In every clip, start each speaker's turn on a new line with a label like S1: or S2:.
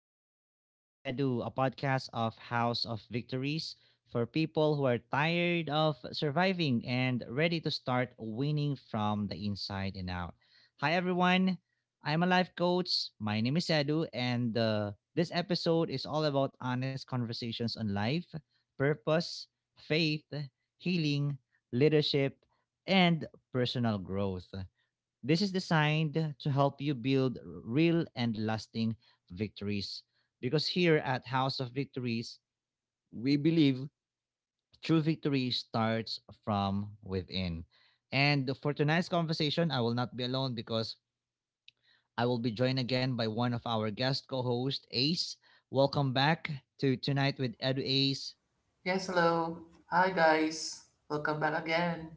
S1: to Tonight with Edu, a podcast of House of Victories for people who are tired of surviving and ready to start winning from the inside and out. Hi, everyone. I'm a life coach. My name is Edu, and this episode is all about honest conversations on life, purpose, faith, healing, leadership, and personal growth. This is designed to help you build real and lasting victories. Because here at House of Victories, we believe true victory starts from within. And for tonight's conversation, I will not be alone because I will be joined again by one of our guest co hosts Ace. Welcome back to Tonight with Edu Ace.
S2: Yes, hello. Hi, guys. Welcome back again.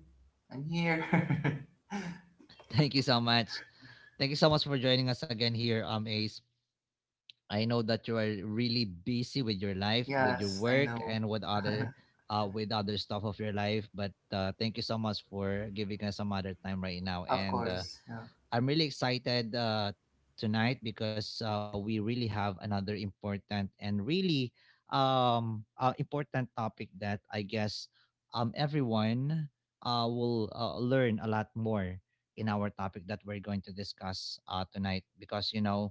S2: I'm here.
S1: Thank you so much. Thank you so much for joining us again here, Ace. I know that you are really busy with your life, with your
S2: Yes, I
S1: work,
S2: know.
S1: and with other stuff of your life. But thank you so much for giving us some other time right now.
S2: Of
S1: And
S2: course. Yeah.
S1: I'm really excited tonight because we really have another important and really important topic that I guess everyone will learn a lot more in our topic that we're going to discuss tonight because you know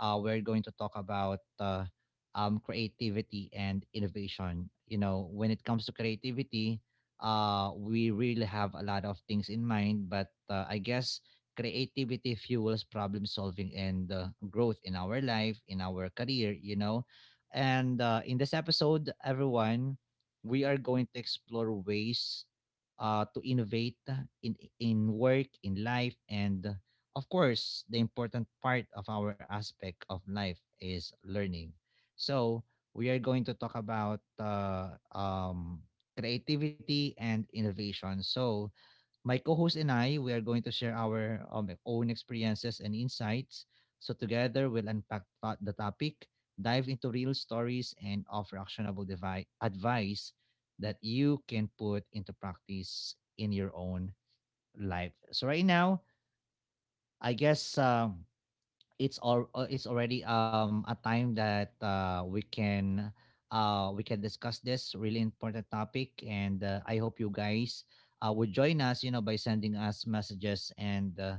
S1: uh, we're going to talk about creativity and innovation. You know, when it comes to creativity, we really have a lot of things in mind, but I guess creativity fuels problem solving and growth in our life in our career you know and In this episode, everyone, we are going to explore ways to innovate in work in life and of course the important part of our aspect of life is learning. So we are going to talk about creativity and innovation. So my co-host and I, we are going to share our own experiences and insights. So together, we'll unpack the topic, dive into real stories, and offer actionable advice that you can put into practice in your own life. So right now, I guess it's already a time that we can discuss this really important topic and I hope you guys would join us, you know, by sending us messages and uh,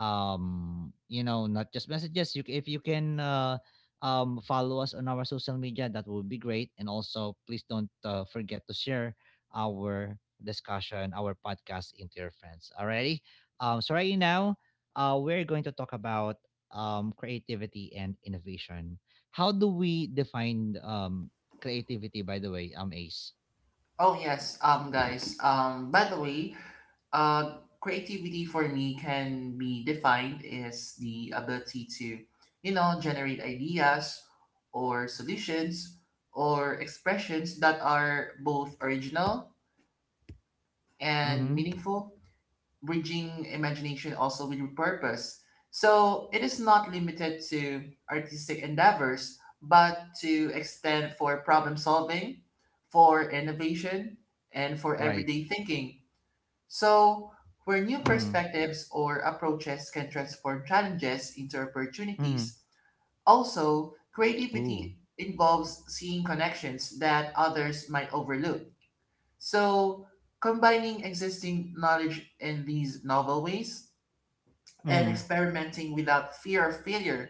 S1: um you know not just messages. If you can follow us on our social media, that would be great, and also please don't forget to share our discussion, our podcast, into your friends already. So right now, we're going to talk about creativity and innovation. How do we define creativity, by the way, Ace?
S2: Oh, yes. Guys. By the way, creativity for me can be defined as the ability to, you know, generate ideas or solutions or expressions that are both original and
S1: Mm-hmm.
S2: meaningful, bridging imagination also with purpose. So it is not limited to artistic endeavors, but to extend for problem solving, for innovation, and for
S1: Right.
S2: everyday thinking. So where new
S1: Mm.
S2: perspectives or approaches can transform challenges into
S1: Mm-hmm.
S2: opportunities, also
S1: Ooh.
S2: creativity involves seeing connections that others might overlook. So combining existing knowledge in these novel ways and
S1: Mm-hmm.
S2: experimenting without fear of failure,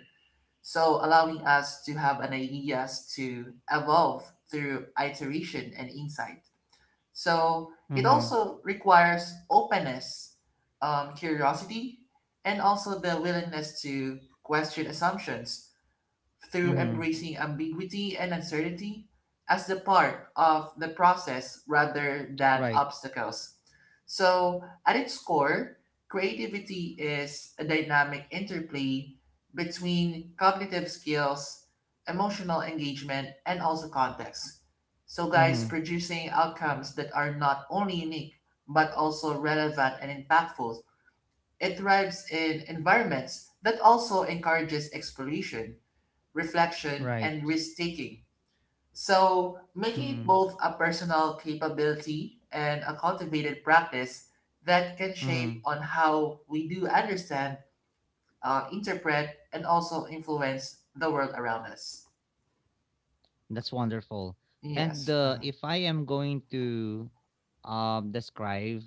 S2: so allowing us to have an ideas to evolve through iteration and insight. So it
S1: Mm-hmm.
S2: also requires openness, curiosity, and also the willingness to question assumptions through
S1: Mm-hmm.
S2: embracing ambiguity and uncertainty as the part of the process rather than
S1: Right.
S2: obstacles. So, at its core, creativity is a dynamic interplay between cognitive skills, emotional engagement, and also context. So, guys,
S1: Mm-hmm.
S2: producing outcomes that are not only unique but also relevant and impactful. It thrives in environments that also encourages exploration, reflection, and
S1: Right.
S2: risk taking. So, making it
S1: Mm-hmm.
S2: both a personal capability and a cultivated practice that can shape
S1: Mm-hmm.
S2: on how we do understand, interpret, and also influence the world around us.
S1: That's wonderful. And
S2: Yes.
S1: uh, if I am going to describe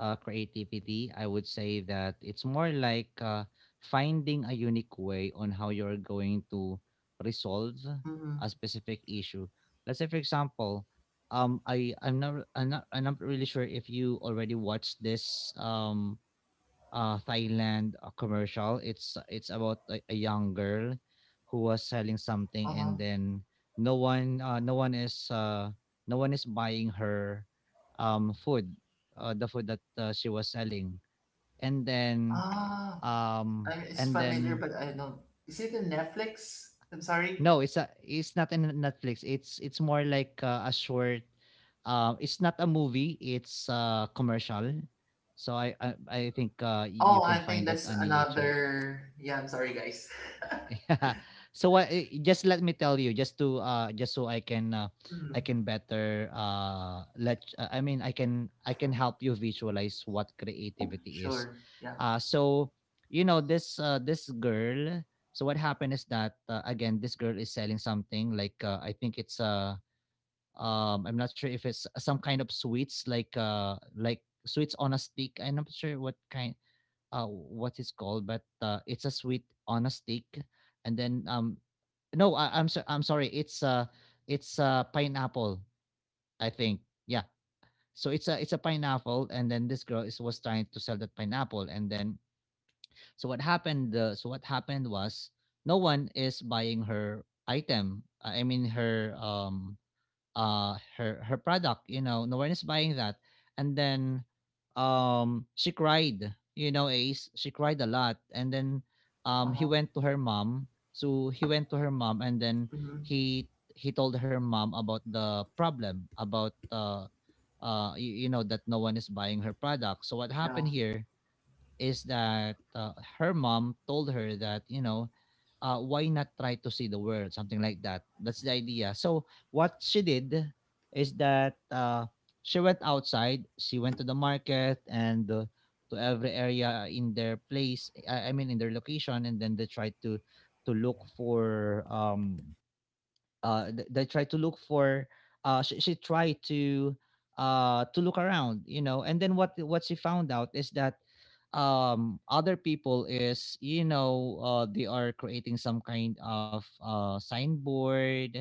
S1: creativity, I would say that it's more like finding a unique way on how you're going to resolve
S2: Mm-hmm.
S1: a specific issue. Let's say, for example, I I'm not I'm not I'm not really sure if you already watched this Thailand commercial. It's about a young girl who was selling
S2: Uh
S1: something and
S2: huh.
S1: then no one uh, no one is uh no one is buying her food, the food that she was selling, and then
S2: Ah,
S1: um
S2: it's
S1: and
S2: familiar,
S1: then
S2: but I don't. Is it in Netflix? I'm sorry.
S1: no, it's a, it's not in Netflix. It's more like a short, it's not a movie, it's a commercial. So I think you
S2: Oh,
S1: can
S2: I think
S1: find it
S2: that's
S1: on YouTube.
S2: another. Yeah, I'm sorry, guys.
S1: So just let me tell you, just to just so I
S2: Mhm.
S1: can better let I mean I can help you visualize what creativity is.
S2: Sure. Yeah.
S1: uh so you know this this girl. So what happened is that again, this girl is selling something like I think it's I'm not sure if it's some kind of sweets like sweets on a stick. I'm not sure what kind, what it's called, but it's a sweet on a stick, and then no, I'm so, I'm sorry, it's pineapple, I think, yeah. So it's a, it's a pineapple, and then this girl is was trying to sell that pineapple, and then so what happened? So what happened was no one is buying her item. I mean her her product, you know. No one is buying that. And then um she cried, you know, Ace. She cried a lot, and then
S2: Uh
S1: he
S2: huh.
S1: went to her mom. So he went to her mom, and then
S2: Hmm.
S1: he he told her mom about the problem, about you, you know, that no one is buying her product. So what
S2: Yeah.
S1: happened here is that her mom told her that, you know, why not try to see the world, something like that. That's the idea. So what she did is that she went outside. She went to the market, and to every area in their place I mean in their location, and then they tried to look for th- they try to look for she tried to look around, you know, and then what she found out is that other people is, you know, they are creating some kind of signboard,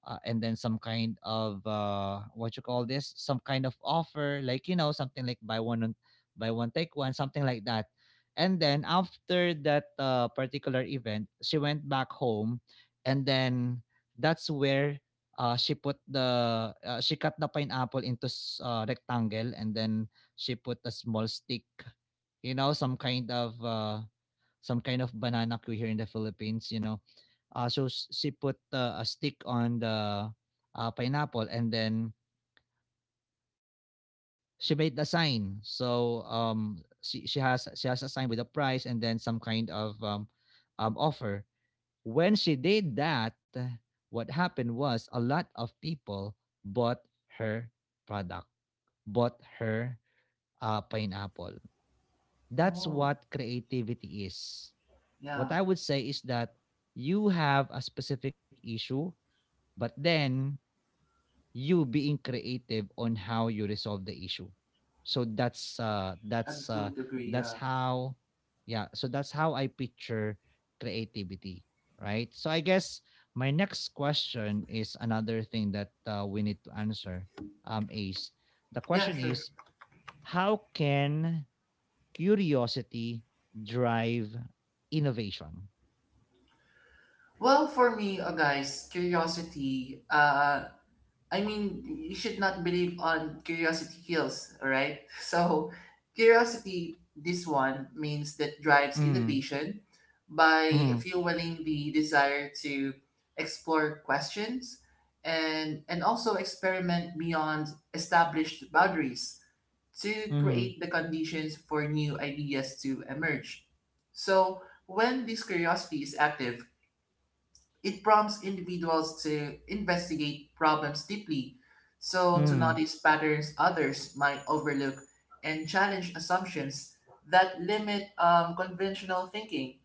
S1: and then some kind of, what you call this, some kind of offer, like, you know, something like buy buy one take one, something like that. And then after that particular event, she went back home, and then that's where, she cut the pineapple into rectangle, and then she put a small stick, you know, some kind of, some kind of banana queue here in the Philippines, you know. So she put, a stick on the, pineapple, and then she made the sign. So she has, a sign with a price, and then some kind of, offer. When she did that, what happened was a lot of people bought her product, bought her, pineapple. That's
S2: Oh.
S1: what creativity is. What
S2: Yeah,
S1: I would say is that you have a specific issue, but then you being creative on how you resolve the issue. So
S2: I could agree.
S1: that's
S2: Yeah,
S1: how yeah, so that's how I picture creativity, right? So I guess my next question is another thing that we need to answer, Ace. The
S2: yeah,
S1: question
S2: sure.
S1: is, how can curiosity drive innovation?
S2: Well, for me, guys, curiosity. I mean, you should not believe on curiosity kills. All right. So, curiosity. This one means that drives
S1: Mm,
S2: innovation by
S1: mm.
S2: fueling the desire to explore questions and also experiment beyond established boundaries, to
S1: Mhm.
S2: create the conditions for new ideas to emerge. So, when this curiosity is active, it prompts individuals to investigate problems deeply, so to
S1: Mhm.
S2: notice patterns others might overlook and challenge assumptions that limit conventional thinking.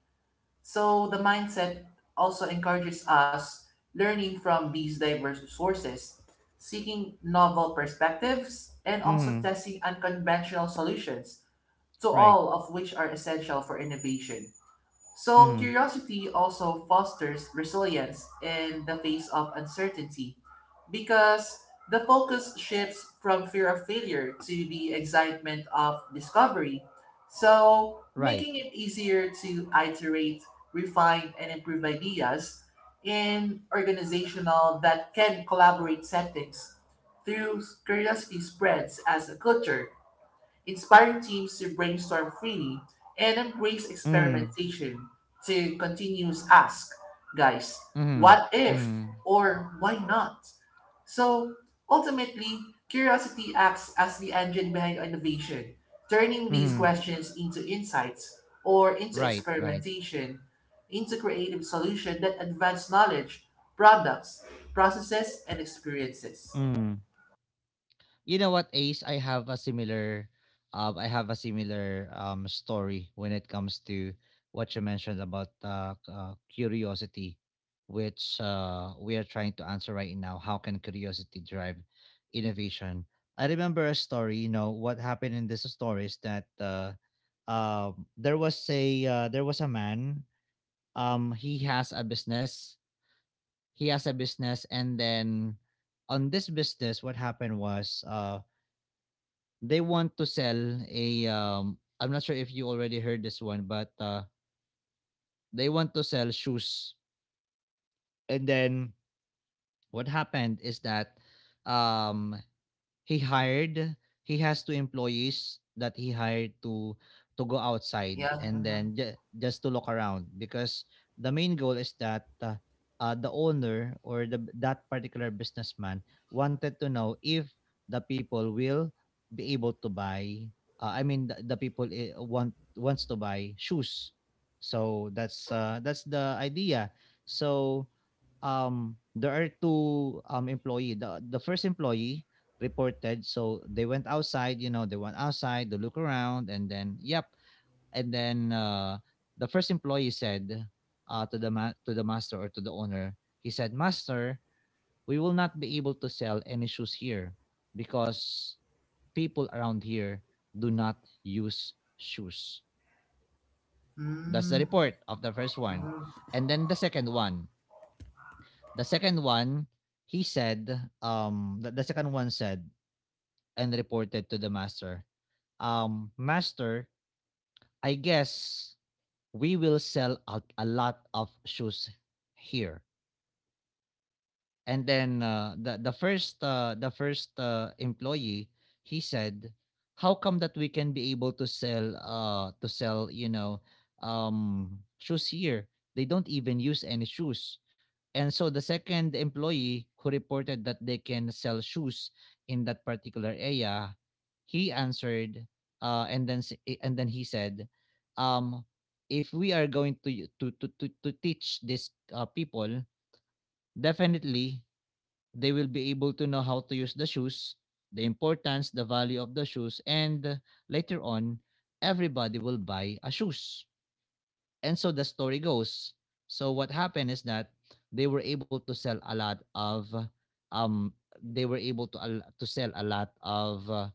S2: So, the mindset also encourages us learning from these diverse sources, seeking novel perspectives, and also
S1: Mhm.
S2: testing unconventional solutions to
S1: Right.
S2: all of which are essential for innovation. So,
S1: Mhm.
S2: curiosity also fosters resilience in the face of uncertainty because the focus shifts from fear of failure to the excitement of discovery. So, making
S1: Right.
S2: it easier to iterate, refine, and improve ideas in organizational that can collaborate settings through curiosity spreads as a culture inspiring teams to brainstorm freely and embrace
S1: Mhm.
S2: experimentation to continuous ask, guys,
S1: Mhm.
S2: what if
S1: Mhm.
S2: or why not? So ultimately, curiosity acts as the engine behind innovation, turning these
S1: Mhm.
S2: questions into insights or into
S1: Right, right.
S2: experimentation, into creative solutions that advance knowledge, products, processes, and experiences.
S1: Mhm. You know what, Ace? I have a similar story when it comes to what you mentioned about curiosity, which we are trying to answer right now. How can curiosity drive innovation? I remember a story. You know what happened in this story is that there was a man. He has a business. He has a business, and then on this business, what happened was they want to sell I'm not sure if you already heard this one, but they want to sell shoes. And then what happened is that, um, he hired he has two employees that he hired to go outside
S2: Yeah.
S1: and then just to look around, because the main goal is that, the owner, or the, that particular businessman, wanted to know if the people will be able to buy, the people wants to buy shoes. So that's, that's the idea. So there are two employee. The first employee reported. So they went outside, you know, they went outside to look around, and then yep. And then the first employee said, to the to the master, or to the owner, he said, "Master, we will not be able to sell any shoes here because people around here do not use shoes." That's the
S2: Mm,
S1: report of the first one. And then the second one, the second one, he said the second one said and reported to the master, "Um, master, I guess we will sell out a lot of shoes here." And then, the first, employee, he said, "How come that we can be able to sell, you know, shoes here? They don't even use any shoes." And so the second employee who reported that they can sell shoes in that particular area, he answered, and then he said, um, if we are going to to teach these people, definitely they will be able to know how to use the shoes, the importance, the value of the shoes, and later on, everybody will buy a shoes. And so the story goes. So what happened is that they were able to sell a lot of um they were able to al- to sell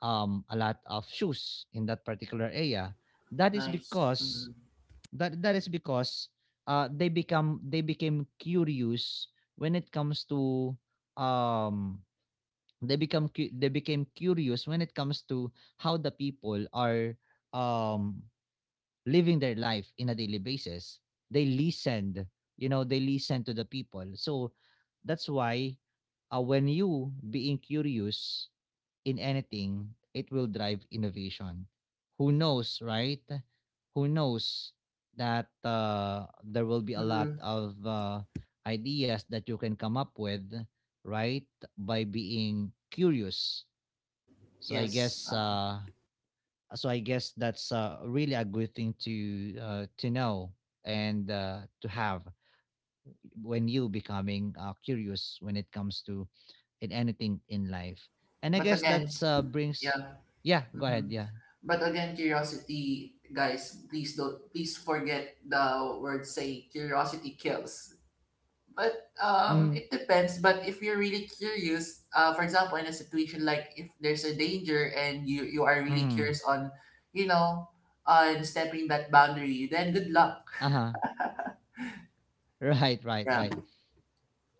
S1: a lot of shoes in that particular area. That is
S2: nice.
S1: because
S2: Mm-hmm.
S1: that is because they became curious when it comes to um they became curious when it comes to how the people are um living their life in a daily basis. they listened they listened to the people, so that's why when you being curious in anything, it will drive innovation. Who knows, right? Who knows that there will be a lot
S2: Mm-hmm.
S1: of ideas that you can come up with, right, by being curious? so I
S2: Yes,
S1: guess uh so I guess that's really a good thing to know, and to have, when you becoming curious when it comes to, in anything in life. And I
S2: but
S1: guess
S2: again,
S1: that's brings—
S2: yeah.
S1: yeah, go ahead,
S2: mhm.
S1: yeah.
S2: But again, curiosity, guys, please don't please forget the word say curiosity kills. But
S1: Mhm.
S2: it depends. But if you're really curious, for example, in a situation like if there's a danger and you are really
S1: Mhm.
S2: curious on, you know, on stepping that boundary, then good luck.
S1: Uh-huh. Right, right,
S2: Yeah,
S1: right.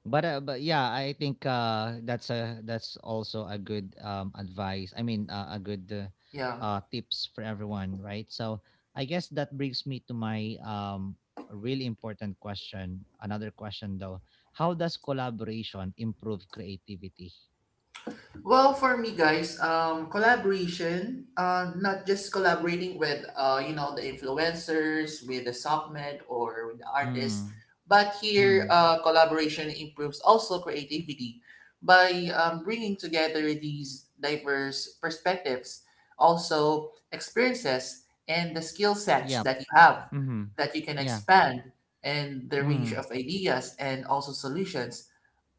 S1: But yeah, I think that's also a good advice. I mean, a good
S2: yeah.
S1: tips for everyone, right? So I guess that brings me to my really important question. Another question though: how does collaboration improve creativity?
S2: Well, for me, guys, collaboration, not just collaborating with, you know, the influencers, with the submed or with the artists,
S1: Mm.
S2: but here,
S1: Mm.
S2: collaboration improves also creativity by bringing together these diverse perspectives, also experiences and the skill sets
S1: Yep.
S2: that you have
S1: Mm-hmm.
S2: that you can
S1: Yeah.
S2: expand and the range
S1: Mm.
S2: of ideas and also solutions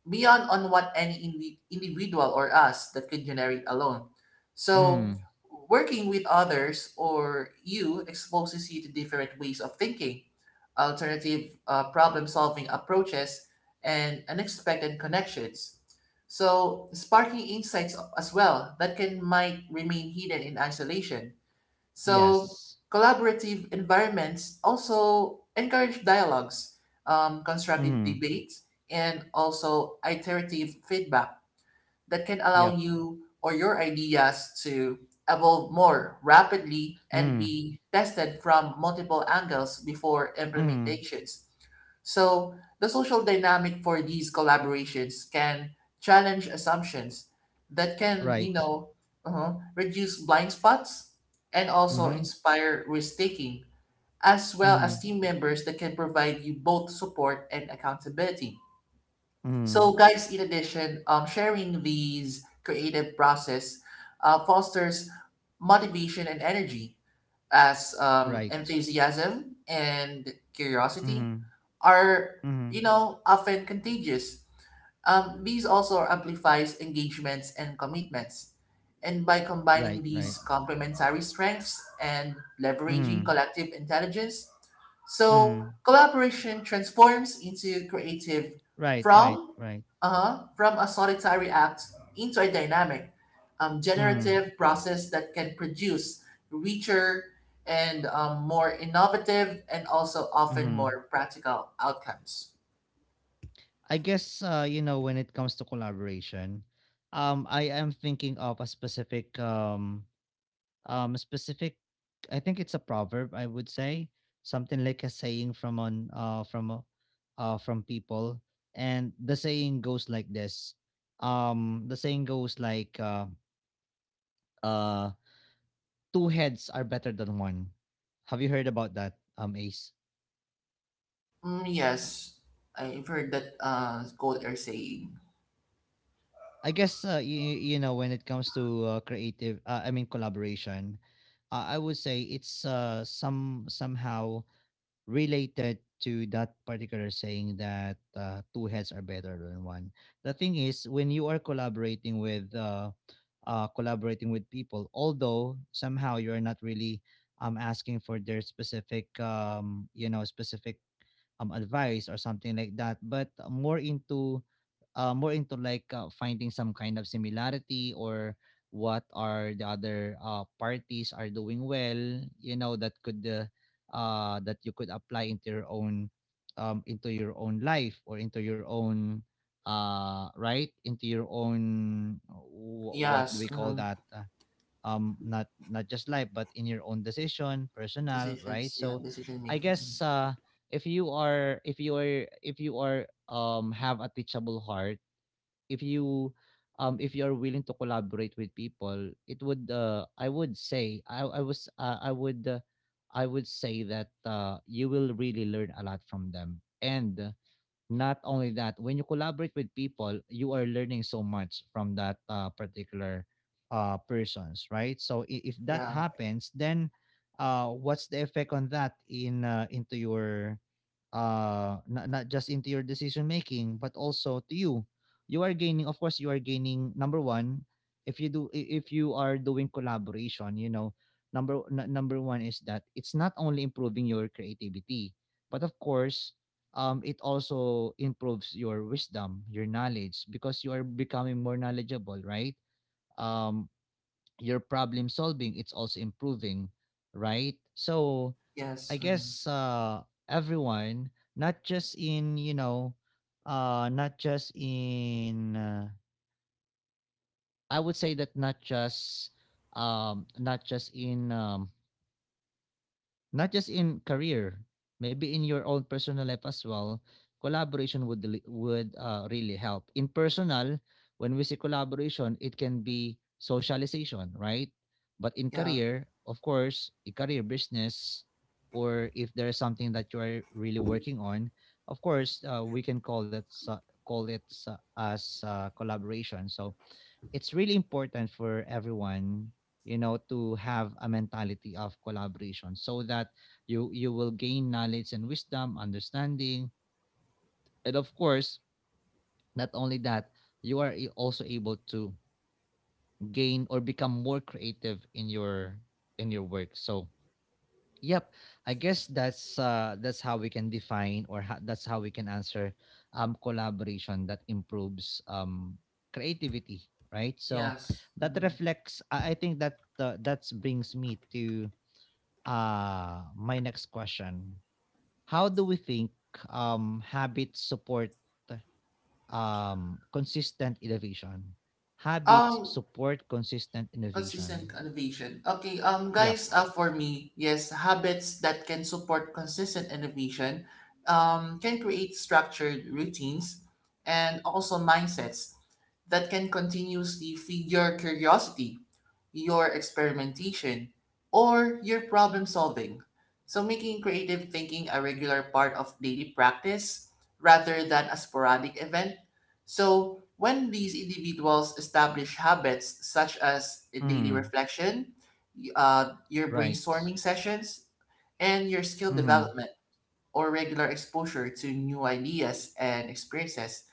S2: beyond on what any individual or us that could generate alone. So
S1: Mm.
S2: working with others or you exposes you to different ways of thinking, alternative problem solving approaches, and unexpected connections. So sparking insights as well that can might remain hidden in isolation. So
S1: Yes.
S2: collaborative environments also encourage dialogues, constructive
S1: Mm-hmm.
S2: debates, and also iterative feedback that can allow
S1: Yep.
S2: you or your ideas to evolve more rapidly and
S1: Mm.
S2: be tested from multiple angles before
S1: Mm.
S2: implementations. So, the social dynamic for these collaborations can challenge assumptions that can, you
S1: Right.
S2: know, reduce blind spots and also
S1: Mm-hmm.
S2: inspire risk taking, as well
S1: Mm-hmm.
S2: as team members that can provide you both support and accountability. So,
S1: Mm.
S2: guys, in addition, sharing these creative process fosters motivation and energy as
S1: Right.
S2: enthusiasm and curiosity
S1: Mhm.
S2: are, you
S1: Mhm.
S2: know, often contagious. These also amplifies engagements and commitments, and by combining
S1: Right, right.
S2: these complementary strengths and leveraging
S1: Mhm.
S2: collective intelligence, so
S1: Mhm.
S2: collaboration transforms into creative
S1: Right, right,
S2: from
S1: right.
S2: uh-huh, from a solitary act into a dynamic,
S1: Mhm.
S2: generative process that can produce richer and more innovative and also often
S1: Mhm.
S2: more practical outcomes.
S1: I guess when it comes to collaboration, I am thinking of a specific um specific I think it's a proverb, I would say, something like a saying from on from from people, and the saying goes like this. The saying goes like uh two heads are better than one. Have you heard about that, Ace?
S2: Mm, yes, I've heard that quote or saying.
S1: I guess when it comes to creative, collaboration, I would say it's somehow related to that particular saying that two heads are better than one. The thing is, when you are collaborating with people, although somehow you are not really asking for their specific advice or something like that, but more into like finding some kind of similarity, or what are the other parties are doing well, you know that could uh, that you could apply into your own, into your own life, or into your own right, into your own what do we
S2: Yes,
S1: call
S2: hmm.
S1: that, not just life, but in your own decision, personal, right?
S2: Decisions, yeah,
S1: So
S2: decision
S1: I
S2: making.
S1: guess if you are have a teachable heart, if you if you're willing to collaborate with people, it would I would say that you will really learn a lot from them. And not only that, when you collaborate with people, you are learning so much from that particular persons, right? So if that
S2: Yeah,
S1: happens, then what's the effect on that in into your, not just into your decision making, but also to you? You are gaining, of course. You are gaining Number one, if you are doing collaboration, number number one is that it's not only improving your creativity, but of course it also improves your wisdom, your knowledge, because you are becoming more knowledgeable, right? um your problem solving, it's also improving, right? So
S2: yes,
S1: I
S2: hmm.
S1: guess everyone, not just in, not just in I would say that um not just in um not just in career, maybe in your own personal life as well, collaboration would really help. In personal, when we say collaboration, it can be socialization, right? But in
S2: Yeah,
S1: career, of course, a career business, or if there's something that you are really working on, of course, we can call it as collaboration. So it's really important for everyone, to have a mentality of collaboration, so that you will gain knowledge and wisdom, understanding, and of course, not only that, you are also able to gain or become more creative in your work, so. Yep, I guess that's how we can define, or that's how we can answer collaboration that improves creativity, right? So
S2: yes.
S1: that
S2: Hmm.
S1: reflects. I think that that brings me to my next question: how do we think habits support consistent innovation? Habits
S2: Um,
S1: support consistent innovation.
S2: consistent innovation. Okay,
S1: Yep.
S2: guys, for me, yes, habits that can support consistent innovation, can create structured routines and also mindsets that can continuously feed your curiosity, your experimentation, or your problem solving. So, making creative thinking a regular part of daily practice rather than a sporadic event. So, when these individuals establish habits such as a daily
S1: Mm-hmm.
S2: reflection, your
S1: Right.
S2: brainstorming sessions, and your skill development or regular exposure to new ideas and experiences,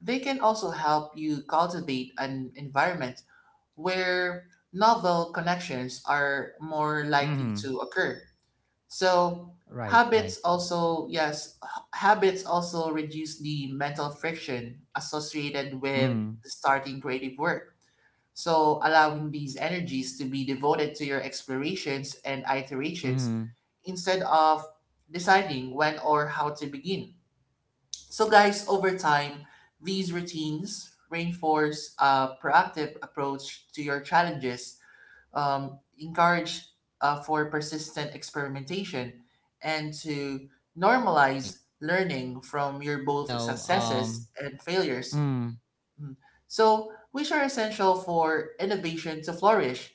S2: they can also help you cultivate an environment where novel connections are more likely
S1: Mm-hmm.
S2: to occur. So
S1: Right, right.
S2: habits also, habits also reduce the mental friction associated with
S1: Mm.
S2: starting creative work. So allowing these energies to be devoted to your explorations and iterations
S1: Mm.
S2: instead of deciding when or how to begin. So guys, over time, these routines reinforce a proactive approach to your challenges, encourage for persistent experimentation and
S1: Right,
S2: to
S1: right, right.
S2: normalize
S1: And
S2: learning
S1: I
S2: from
S1: guess
S2: your
S1: you
S2: both
S1: know,
S2: successes and failures.
S1: mm,
S2: Mm. So, which are essential for innovation to flourish.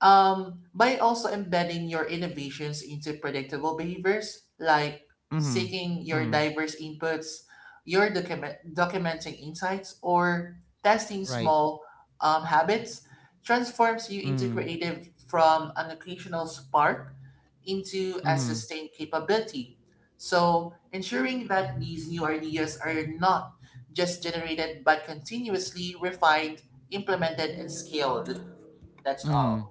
S2: By also embedding your innovations into predictable behaviors, like
S1: mm,
S2: seeking your
S1: mm,
S2: diverse inputs, your documenting insights, or testing
S1: right.
S2: small habits, transforms you into
S1: Mm.
S2: creative from an occasional spark into a
S1: Mm.
S2: sustained capability. So, ensuring that these new ideas are not just generated but continuously refined, implemented, and scaled. That's all.
S1: Mm.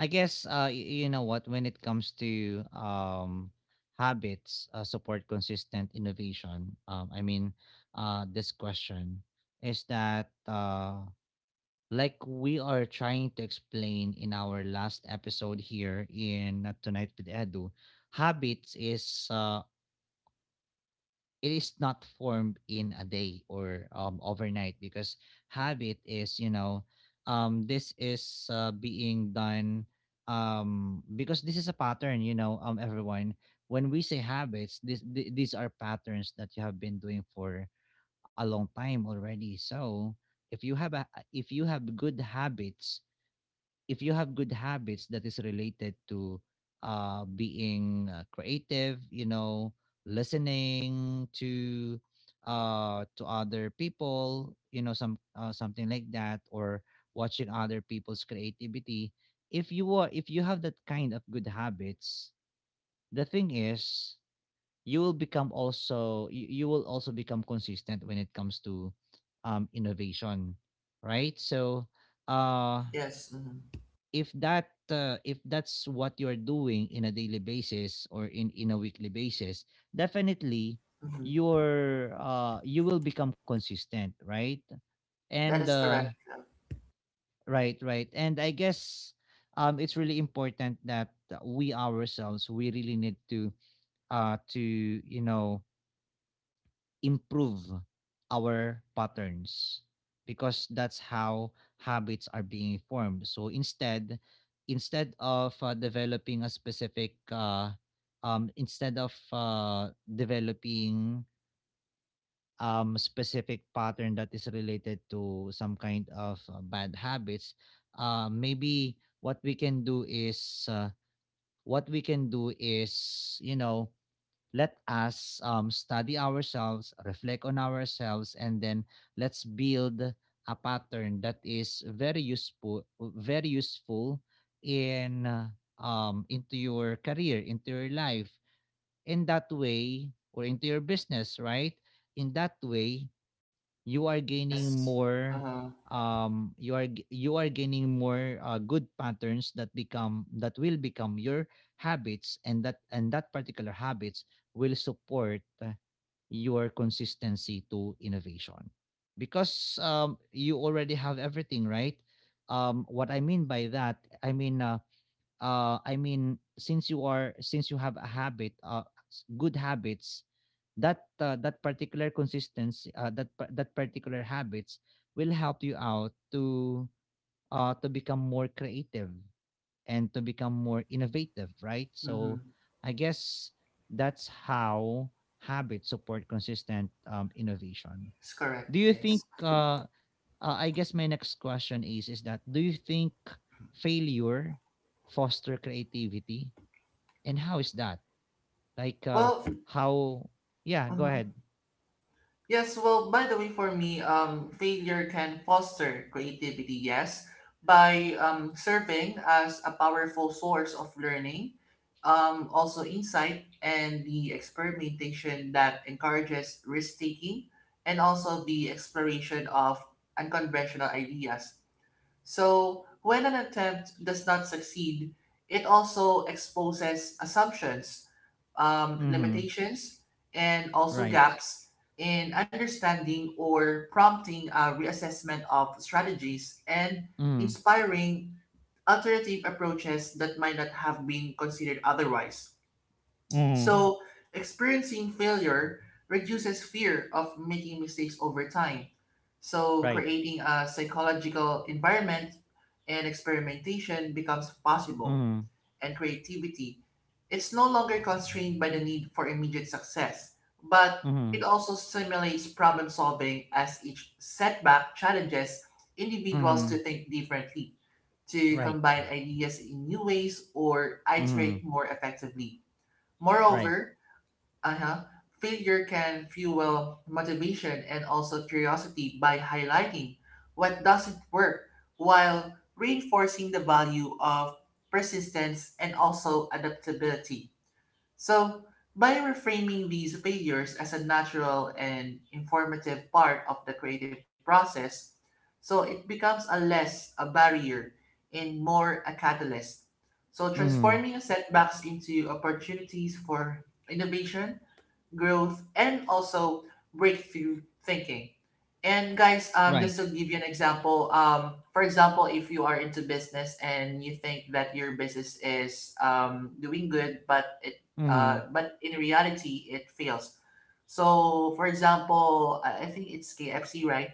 S1: I guess you know what, when it comes to habits support consistent innovation. I mean, this question is that, like we are trying to explain in our last episode here in Tonight with Edu, habits is it is not formed in a day or overnight, because habit is— this is being done, because this is a pattern, everyone— when we say habits, these are patterns that you have been doing for a long time already. So if you have a if you have good habits if you have good habits that is related to being creative, listening to other people, something like that, or watching other people's creativity. If you have that kind of good habits, the thing is, you will also become consistent when it comes to innovation, right? So, uh,
S2: Yes. Mhm,
S1: if that's what you're doing in a daily basis, or in a weekly basis, definitely
S2: mhm.
S1: you will become consistent, right? And
S2: That is correct.
S1: right, right. And I guess it's really important that we ourselves, we really need to uh to you know improve our patterns, because that's how habits are being formed. So instead of developing a instead of developing specific pattern that is related to some kind of bad habits, maybe what we can do is what we can do is you know let us study ourselves, reflect on ourselves, and then let's build a pattern that is very useful in into your career, into your life— in that way, or into your business, right? In that way, you are gaining
S2: Yes.
S1: more—
S2: Uh,
S1: you are gaining more good patterns that will become your habits, and that particular habits will support your consistency to innovation, because you already have everything, right? What I mean by that, I mean, I mean, since you are— since you have a habit, good habits, that that particular consistency, that particular habits, will help you out to to become more creative and to become more innovative, right? So
S2: mm-hmm.
S1: I guess that's how habits support consistent innovation.
S2: It's correct.
S1: Do you think
S2: Yes.
S1: I guess my next question is that do you think failure foster creativity, and how is that, like,
S2: Well,
S1: how— yeah, go ahead.
S2: mhm. Yes. Well, by the way, for me, failure can foster creativity. Yes, by serving as a powerful source of learning, also insight and the experimentation that encourages risk taking, and also the exploration of unconventional ideas. So, when an attempt does not succeed, it also exposes assumptions,
S1: Mm-hmm.
S2: limitations, and also
S1: Right.
S2: gaps in understanding or prompting a reassessment of strategies and
S1: Mhm.
S2: inspiring alternative approaches that might not have been considered otherwise.
S1: Mhm.
S2: So, experiencing failure reduces fear of making mistakes over time. So,
S1: Right.
S2: creating a psychological environment and experimentation becomes possible,
S1: Mhm.
S2: and creativity it's no longer constrained by the need for immediate success, but it
S1: Mhm.
S2: also stimulates problem solving as each setback challenges individuals to
S1: Mhm.
S2: think differently, to
S1: Right.
S2: combine ideas in new ways, or iterate
S1: Mhm.
S2: more effectively.
S1: Right.
S2: Moreover, uh-huh. Failure can fuel motivation and also curiosity by highlighting what doesn't work while reinforcing the value of persistence and also adaptability. So, by reframing these failures as a natural and informative part of the creative process, so it becomes a less a barrier and more a catalyst. So,
S1: Mhm.
S2: transforming setbacks into opportunities for innovation growth, and also breakthrough thinking. And guys,
S1: Right.
S2: just to give you an example, for example, if you are into business and you think that your business is doing good, but it
S1: Mhm.
S2: but in reality it fails. So, for example, I think it's KFC, right?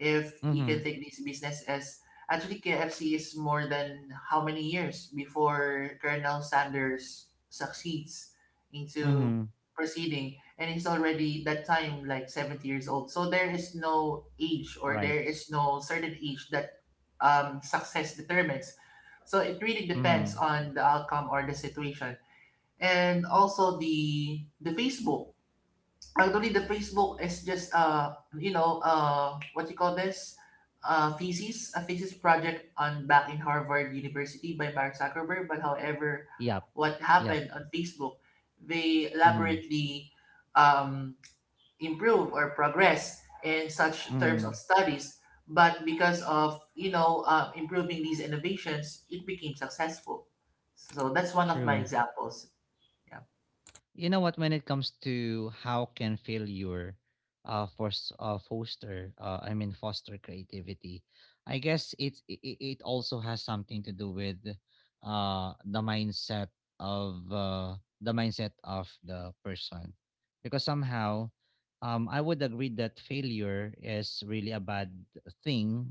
S2: If you
S1: Mhm.
S2: can take this business as, actually, KFC is more than how many years before Colonel Sanders succeeds into
S1: Mhm.
S2: proceeding, and he's already that time like 70 years old, so there is no age or there
S1: Right.
S2: is no certain age that success determines, so it really depends
S1: Mhm.
S2: on the outcome or the situation. And also the facebook. Actually, the Facebook is just what you call this, thesis a thesis project on back in Harvard University by Mark Zuckerberg. But however,
S1: Yep.
S2: what
S1: Yep.
S2: happened on Facebook, they
S1: Mhm.
S2: elaborately um, improve or progress in such terms
S1: Mhm.
S2: of studies. But because of, you know, improving these innovations, it became successful. So that's one of my
S1: True.
S2: examples. Yeah.
S1: You know what, when it comes to how can failure force foster, foster creativity, I guess it's it, it it also has something to do with the mindset of the person, because somehow, I would agree that failure is really a bad thing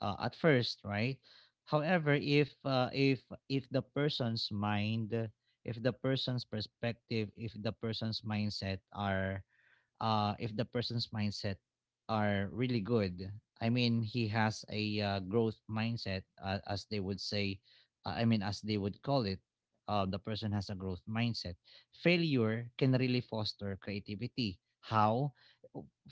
S1: at first, right? However, if the person's mind if the person's perspective, if the person's mindset uh, if the person's mindset are really good. I mean, he has a growth mindset, as they would say. I mean, as they would call it, the person has a growth mindset. Failure can really foster creativity. How?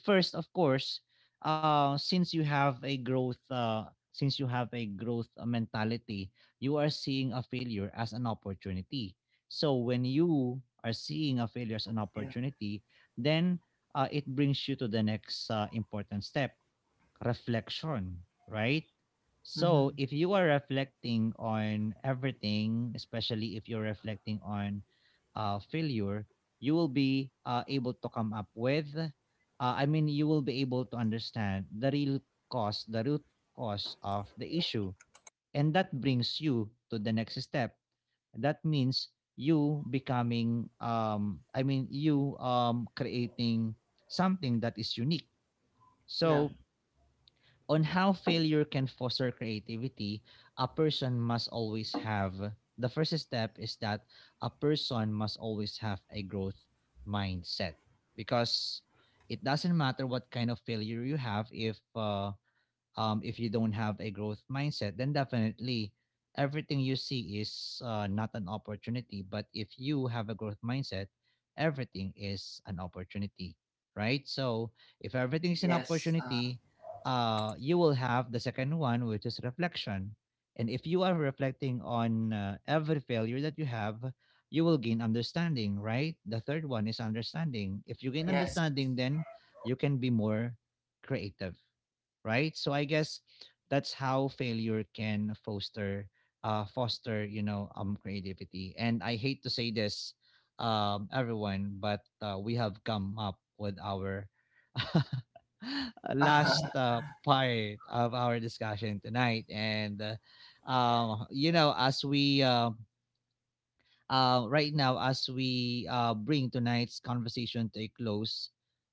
S1: First, of course, since you have a growth, mentality, you are seeing a failure as an opportunity. So when you are seeing a failure as an
S2: Yeah.
S1: opportunity, then it brings you to the next important step: reflection, right? So
S2: Mm-hmm.
S1: if you are reflecting on everything, especially if you're reflecting on failure, you will be able to come up with, I mean, you will be able to understand the real cause, the root cause of the issue. And that brings you to the next step. That means you becoming I mean you creating something that is unique.
S2: Yeah.
S1: So on how failure can foster creativity, a person must always have the first step is that a person must always have a growth mindset, because it doesn't matter what kind of failure you have, if you don't have a growth mindset, then definitely everything you see is not an opportunity. But if you have a growth mindset, everything is an opportunity, right? So if everything is an
S2: Yes.
S1: opportunity, you will have the second one, which is reflection. And if you are reflecting on every failure that you have, you will gain understanding, right? The third one is understanding. If you gain
S2: Yes.
S1: understanding, then you can be more creative, right? So I guess that's how failure can foster creativity. And I hate to say this, everyone, but we have come up with our last part of our discussion tonight. And you know as we right now, as we bring tonight's conversation to a close,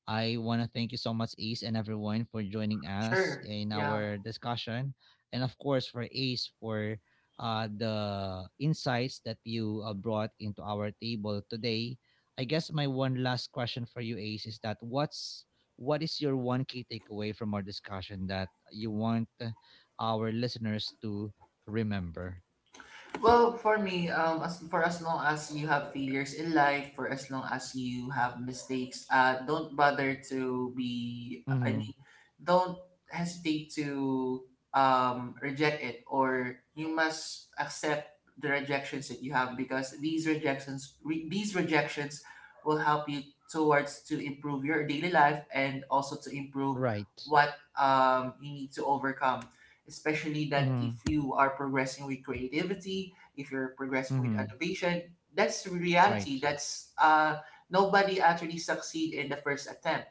S1: I want to thank you so much, Ace, and everyone for joining us
S2: Sure.
S1: in
S2: Yeah.
S1: our discussion. And of course, for Ace, for the insights that you brought into our table today. I guess my one last question for you, Ace, is that what's— what is your one key takeaway from our discussion that you want our listeners to remember?
S2: Well, for me, as for as long as you have failures in life, for as long as you have mistakes, don't bother to be. I
S1: Mm-hmm.
S2: mean, don't hesitate to reject it, or you must accept the rejections that you have, because these rejections, these rejections, will help you towards to improve your daily life and also to improve
S1: Right.
S2: what you need to overcome, especially that if
S1: Mm-hmm.
S2: you are progressing with creativity, if you're progressing with
S1: Mhm.
S2: innovation, that's the
S1: Right.
S2: reality, that's nobody actually succeed in the first attempt,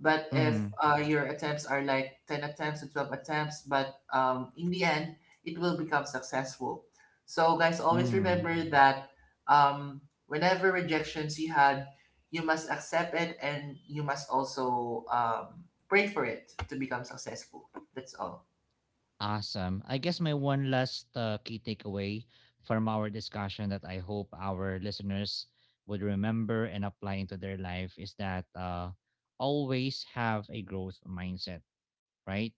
S2: but if
S1: Mhm.
S2: your attempts are like 10 attempts to 12 attempts, but in the end it will become successful. So guys, always
S1: Mhm.
S2: remember that um, whenever rejections you had, you must accept it, and you must also pray for it to become successful. That's all.
S1: Awesome. I guess my one last key takeaway from our discussion that I hope our listeners would remember and apply into their life is that, always have a growth mindset, right?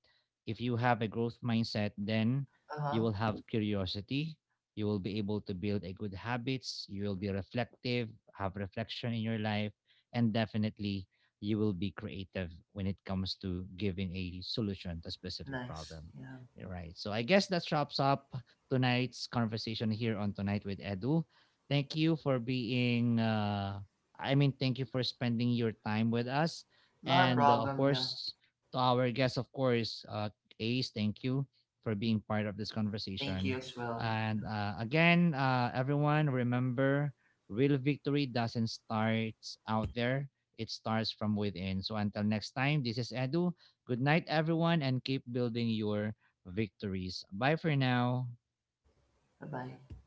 S1: If you have a growth mindset, then you
S2: Uh-huh.
S1: will have curiosity. You will be able to build a good habits. You will be reflective, have reflection in your life, and definitely you will be creative when it comes to giving a solution to a specific
S2: Nice,
S1: problem.
S2: yeah.
S1: You Right. So I guess that wraps up tonight's conversation here on Tonight with Edu. Thank you for being, thank you for spending your time with us.
S2: Not a
S1: And of
S2: problem, yeah.
S1: course, to our guests, of course, Ace. Thank you for being part of this
S2: Thank you
S1: conversation.
S2: as well.
S1: And again, everyone, remember: real victory doesn't start out there, it starts from within. So until next time, this is Edu. Good night, everyone, and keep building your victories. Bye for now.
S2: Bye bye.